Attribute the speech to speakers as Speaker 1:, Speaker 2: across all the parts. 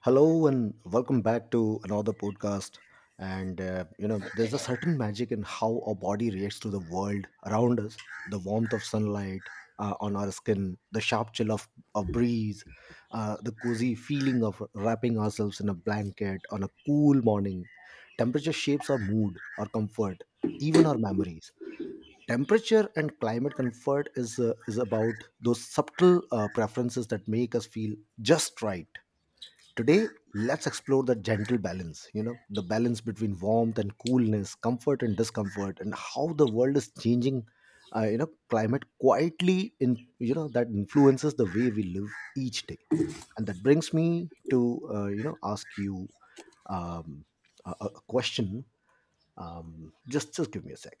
Speaker 1: Hello and welcome back to another podcast. There's a certain magic in how our body reacts to the world around us. The warmth of sunlight on our skin, the sharp chill of a breeze, the cozy feeling of wrapping ourselves in a blanket on a cool morning. Temperature shapes our mood, our comfort, even our memories. Temperature and climate comfort is about those subtle preferences that make us feel just right. Today, let's explore the gentle balance, the balance between warmth and coolness, comfort and discomfort, and how the world is changing, climate quietly in, you know, that influences the way we live each day. And that brings me to, ask you um, a question. Just give me a sec.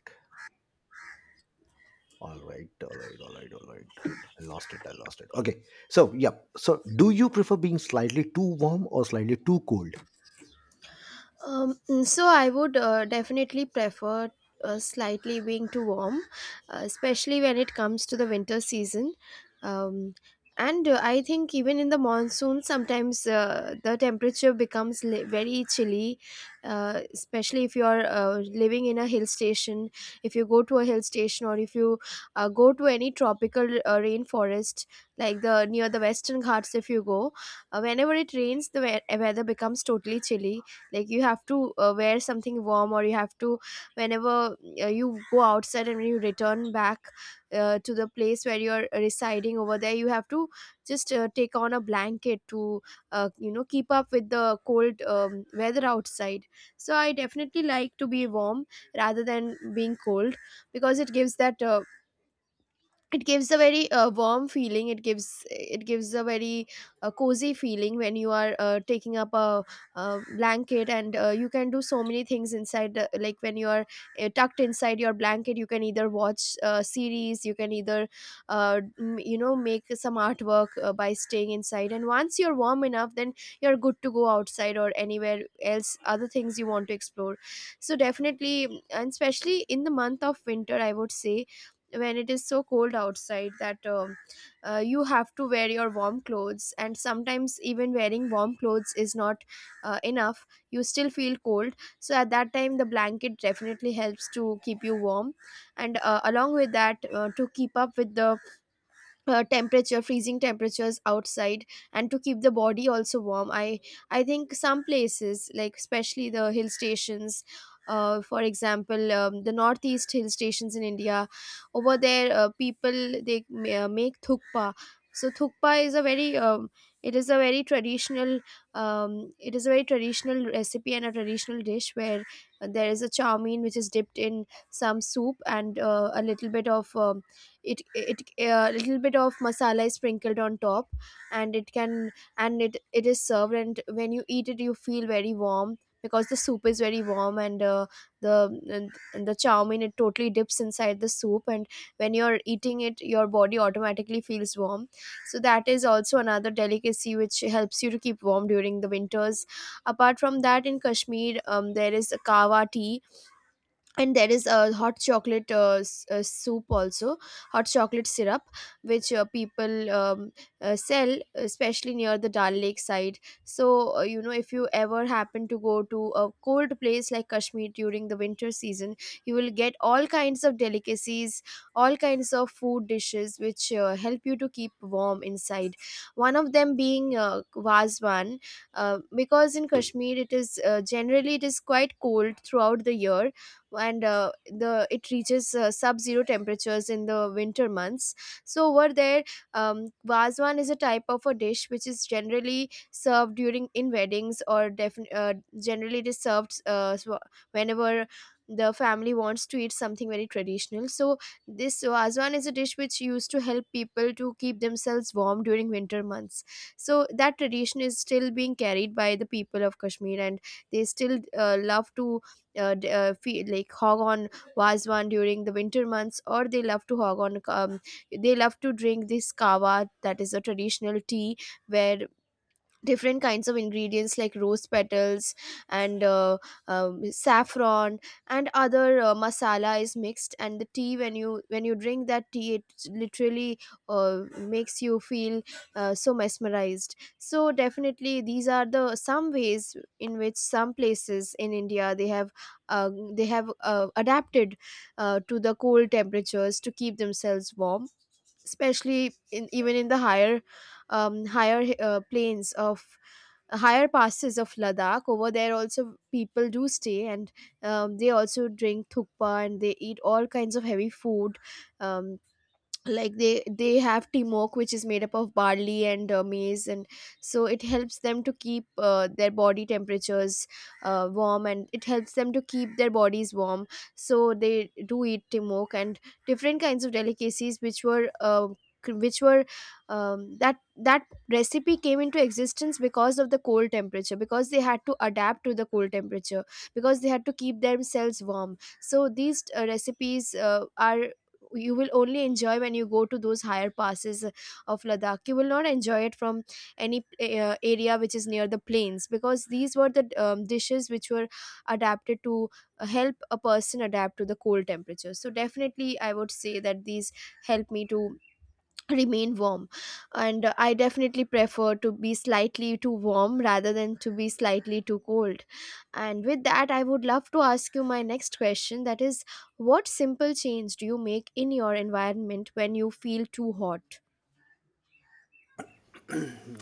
Speaker 1: All right, all right, all right, all right. I lost it. I lost it. Okay. So, yeah. So, do you prefer being slightly too warm or slightly too cold?
Speaker 2: So I would definitely prefer slightly being too warm, especially when it comes to the winter season. Um, and I think even in the monsoon, sometimes the temperature becomes very chilly, especially if you are living in a hill station. If you go to a hill station, or if you go to any tropical rainforest, like the near the Western Ghats, if you go, whenever it rains, the weather becomes totally chilly. Like, you have to wear something warm, or you have to, whenever you go outside and when you return back to the place where you're residing over there, you have to just take on a blanket to you know, keep up with the cold weather outside. So I definitely like to be warm rather than being cold, because it gives that it gives a very warm feeling. It gives a very cozy feeling when you are taking up a, blanket, and you can do so many things inside the, like when you are tucked inside your blanket. You can either watch a series, you can either you know, make some artwork by staying inside, and once you're warm enough, then you're good to go outside or anywhere else, other things you want to explore. So, definitely, and especially in the month of winter, I would say, when it is so cold outside that you have to wear your warm clothes, and sometimes even wearing warm clothes is not enough, you still feel cold. So at that time the blanket definitely helps to keep you warm, and along with that, to keep up with the temperature, freezing temperatures outside, and to keep the body also warm. I think some places, like especially the hill stations, for example, the northeast hill stations in India, over there people, they make thukpa. So thukpa is a very it is a very traditional um, it is a very traditional recipe and a traditional dish, where there is a chow mein which is dipped in some soup, and a little bit of it it a little bit of masala is sprinkled on top, and it can, and it is served, and when you eat it you feel very warm because the soup is very warm. And the the chow mein, it totally dips inside the soup, and when you're eating it your body automatically feels warm. So that is also another delicacy which helps you to keep warm during the winters. Apart from that, in Kashmir, there is a kawa tea, and there is a hot chocolate soup also, hot chocolate syrup, which people sell, especially near the Dal Lake side. So you know, if you ever happen to go to a cold place like Kashmir during the winter season, you will get all kinds of delicacies, all kinds of food dishes, which help you to keep warm inside. One of them being vazwan, because in Kashmir it is generally it is quite cold throughout the year, and the it reaches sub-zero temperatures in the winter months. So over there, vazwan is a type of a dish which is generally served during in weddings, or generally it is served so whenever the family wants to eat something very traditional. So this vazwan is a dish which used to help people to keep themselves warm during winter months. So that tradition is still being carried by the people of Kashmir, and they still love to like, hog on wazwan during the winter months, or they love to hog on they love to drink this kawa, that is a traditional tea, where different kinds of ingredients like rose petals, and saffron, and other masala is mixed, and the tea, when you, when you drink that tea, it literally makes you feel so mesmerized. So definitely these are the some ways in which some places in India, they have adapted to the cold temperatures to keep themselves warm, especially in, even in the higher higher plains of, higher passes of Ladakh. Over there also people do stay, and they also drink thukpa and they eat all kinds of heavy food. Um, like, they have timok, which is made up of barley and maize, and so it helps them to keep their body temperatures warm, and it helps them to keep their bodies warm. So they do eat timok and different kinds of delicacies which were which were that that recipe came into existence because of the cold temperature, because they had to adapt to the cold temperature, because they had to keep themselves warm. So these recipes are, you will only enjoy when you go to those higher passes of Ladakh. You will not enjoy it from any area which is near the plains, because these were the dishes which were adapted to help a person adapt to the cold temperatures. So definitely, I would say that these help me to remain warm, and I definitely prefer to be slightly too warm rather than to be slightly too cold. And with that, I would love to ask you my next question, that is, what simple change do you make in your environment when you feel too hot?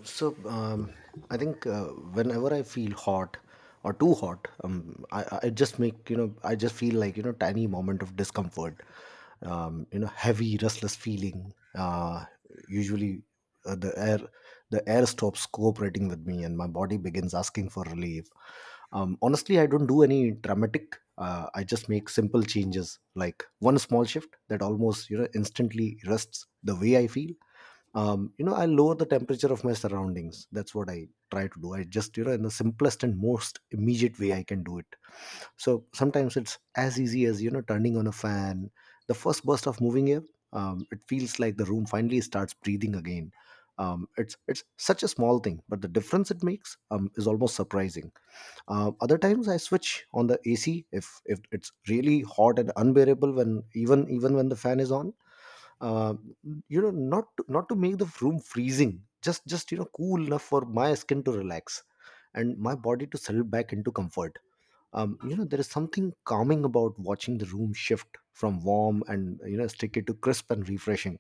Speaker 1: So, I think whenever I feel hot or too hot, I just make, I just feel like, tiny moment of discomfort, you know, heavy, restless feeling. Usually uh, the air, the air stops cooperating with me and my body begins asking for relief. Honestly, I don't do any dramatic. I just make simple changes, like one small shift that almost you know instantly rests the way I feel. You know, I lower the temperature of my surroundings. That's what I try to do. I just you know in the simplest and most immediate way I can do it. So sometimes it's as easy as you know turning on a fan. The first burst of moving air, it feels like the room finally starts breathing again. It's such a small thing, but the difference it makes is almost surprising. Other times I switch on the AC if it's really hot and unbearable when even when the fan is on. Uh, you know, not to make the room freezing, just you know, cool enough for my skin to relax and my body to settle back into comfort. You know, there is something calming about watching the room shift from warm and you know sticky to crisp and refreshing.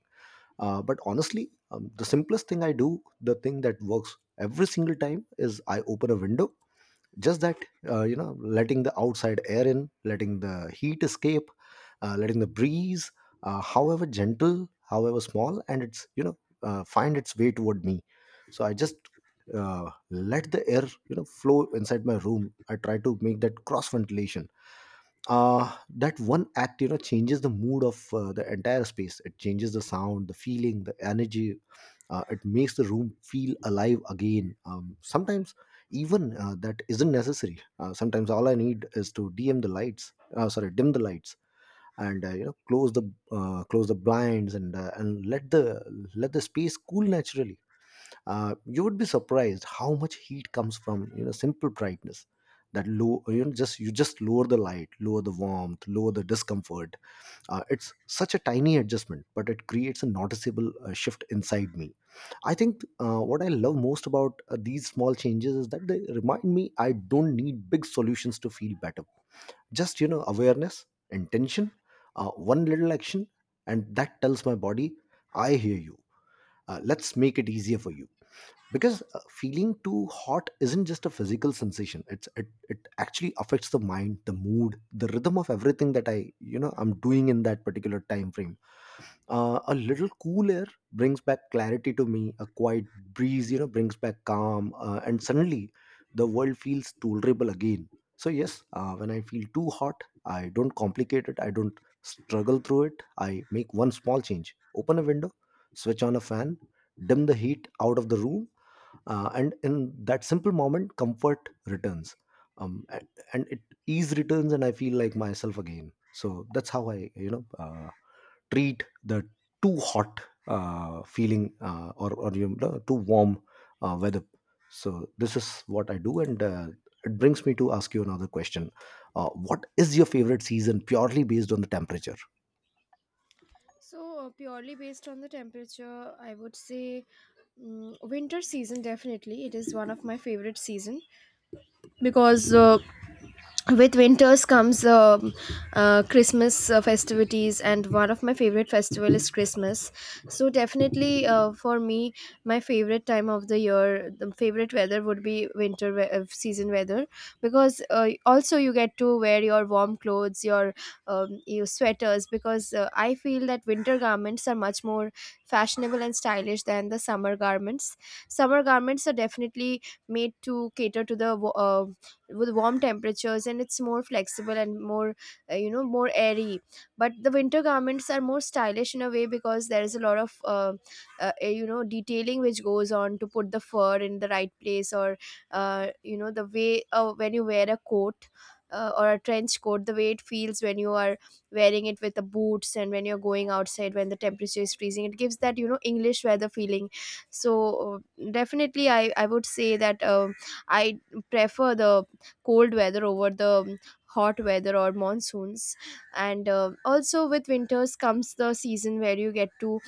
Speaker 1: But honestly, the simplest thing I do, the thing that works every single time, is I open a window, just that, you know, letting the outside air in, letting the heat escape, letting the breeze, however gentle, however small, and it's, you know, find its way toward me. So I just let the air, you know, flow inside my room. I try to make that cross ventilation. That one act, you know, changes the mood of the entire space. It changes the sound, the feeling, the energy. It makes the room feel alive again. Sometimes even that isn't necessary. Sometimes all I need is to dim the lights and you know, close the blinds and and let the space cool naturally. You would be surprised how much heat comes from, you know, simple brightness. That low, you know, just you just lower the light, lower the warmth, lower the discomfort. It's such a tiny adjustment, but it creates a noticeable shift inside me. I think what I love most about these small changes is that they remind me I don't need big solutions to feel better. Just, you know, awareness, intention, one little action, and that tells my body, I hear you. Let's make it easier for you. Because feeling too hot isn't just a physical sensation. It actually affects the mind, the mood, the rhythm of everything that I, you know, I'm doing in that particular time frame. A little cool air brings back clarity to me. A quiet breeze, you know, brings back calm. And suddenly the world feels tolerable again. So yes, when I feel too hot, I don't complicate it, I don't struggle through it. I make one small change: open a window, switch on a fan, dim the heat out of the room. And in that simple moment, comfort returns. Um, a- and it ease returns and I feel like myself again. So that's how I, you know, treat the too hot feeling, or you know, too warm weather. So this is what I do, and it brings me to ask you another question. What is your favorite season purely based on the temperature?
Speaker 2: So, purely based on the temperature, I would say, winter season, definitely. It is one of my favorite season because with winters comes Christmas festivities, and one of my favorite festival is Christmas. So definitely, for me, my favorite time of the year, the favorite weather would be winter season weather. Because also, you get to wear your warm clothes, your sweaters, because I feel that winter garments are much more fashionable and stylish than the summer garments. Summer garments are definitely made to cater to the with warm temperatures, and it's more flexible and more you know, more airy. But the winter garments are more stylish in a way, because there is a lot of you know, detailing which goes on to put the fur in the right place, or you know, the way when you wear a coat or a trench coat, the way it feels when you are wearing it with the boots, and when you're going outside when the temperature is freezing, it gives that, you know, English weather feeling. So uh, definitely I would say that I prefer the cold weather over the hot weather or monsoons. And also with winters comes the season where you get to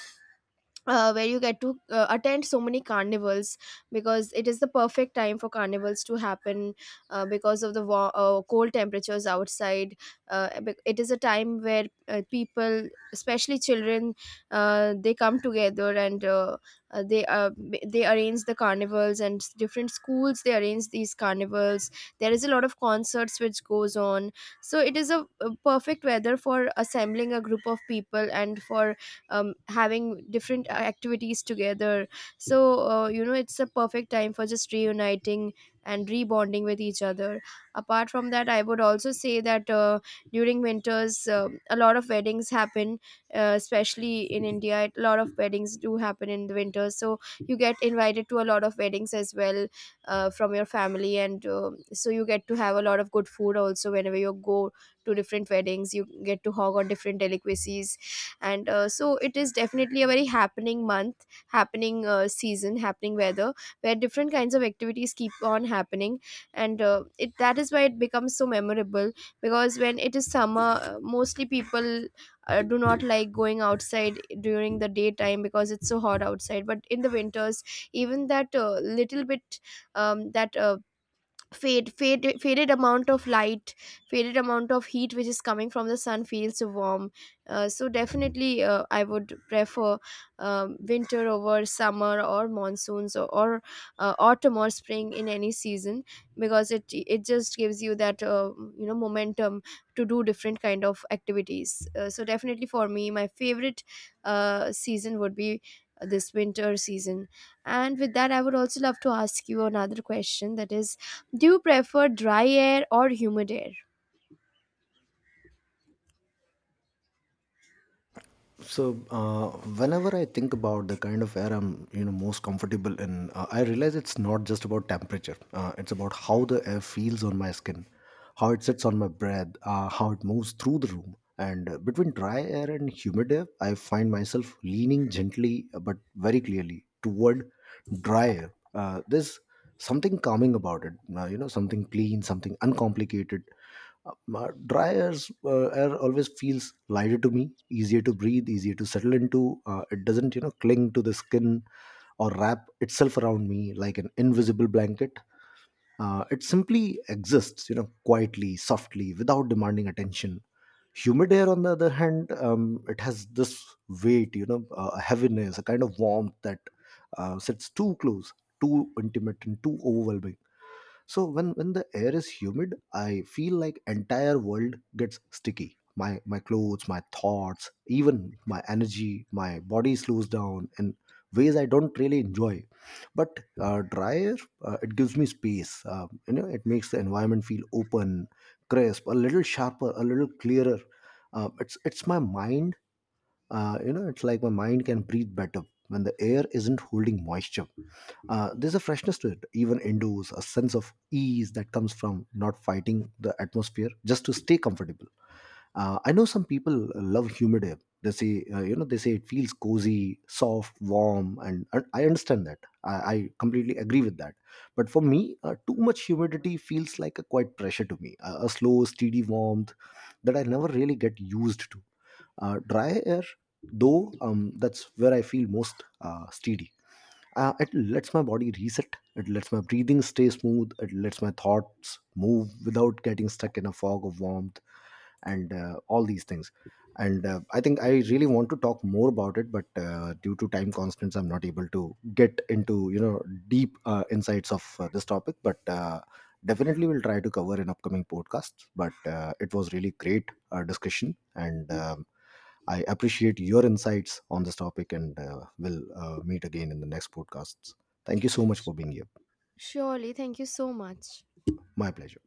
Speaker 2: attend so many carnivals, because it is the perfect time for carnivals to happen, because of the cold temperatures outside. It is a time where people, especially children, they come together, and they arrange the carnivals, and different schools, they arrange these carnivals. There is a lot of concerts which goes on, so it is a perfect weather for assembling a group of people, and for having different activities together. So you know, it's a perfect time for just reuniting and rebonding with each other. Apart from that, I would also say that during winters, a lot of weddings happen, especially in India a lot of weddings do happen in the winter, so you get invited to a lot of weddings as well, from your family, and so you get to have a lot of good food also. Whenever you go to different weddings, you get to hog on different delicacies. And so it is definitely a very happening month, happening season, happening weather, where different kinds of activities keep on happening, and it, that is why it becomes so memorable. Because when it is summer, mostly people do not like going outside during the daytime, because it's so hot outside. But in the winters, even that little bit, that faded amount of light, faded amount of heat which is coming from the sun feels warm. So definitely, I would prefer, winter over summer or monsoons, or autumn or spring, in any season, because it just gives you that you know, momentum to do different kind of activities. So definitely, for me, my favorite season would be this winter season. And with that, I would also love to ask you another question, that is, do you prefer dry air or humid air?
Speaker 1: So whenever I think about the kind of air I'm, you know, most comfortable in, I realize it's not just about temperature. It's about how the air feels on my skin, how it sits on my breath, how it moves through the room. And between dry air and humid air, I find myself leaning gently but very clearly toward dry air. There's something calming about it. You know, something clean, something uncomplicated. My dryers air always feels lighter to me, easier to breathe, easier to settle into. It doesn't, you know, cling to the skin or wrap itself around me like an invisible blanket. It simply exists, you know, quietly, softly, without demanding attention. Humid air, on the other hand, it has this weight, you know, a heaviness, a kind of warmth that sits too close, too intimate, and too overwhelming. So when the air is humid, I feel like entire world gets sticky. My clothes, my thoughts, even my energy, my body slows down in ways I don't really enjoy. But dry air, it gives me space. You know, it makes the environment feel open, crisp, a little sharper, a little clearer. It's my mind. You know, it's like my mind can breathe better when the air isn't holding moisture. There's a freshness to it, even indoors, a sense of ease that comes from not fighting the atmosphere just to stay comfortable. I know some people love humid air. They say, you know, they say it feels cozy, soft, warm, and I understand that. I completely agree with that. But for me, too much humidity feels like a quite pressure to me, a slow, steady warmth that I never really get used to. Dry air, though, that's where I feel most steady. It lets my body reset, it lets my breathing stay smooth, it lets my thoughts move without getting stuck in a fog of warmth. And all these things. And I think I really want to talk more about it, but due to time constraints I'm not able to get into, you know, deep insights of this topic, but definitely we'll try to cover in upcoming podcasts. But it was really great discussion, and I appreciate your insights on this topic, and we'll meet again in the next podcasts. Thank you so much for being here.
Speaker 2: Surely, thank you so much.
Speaker 1: My pleasure.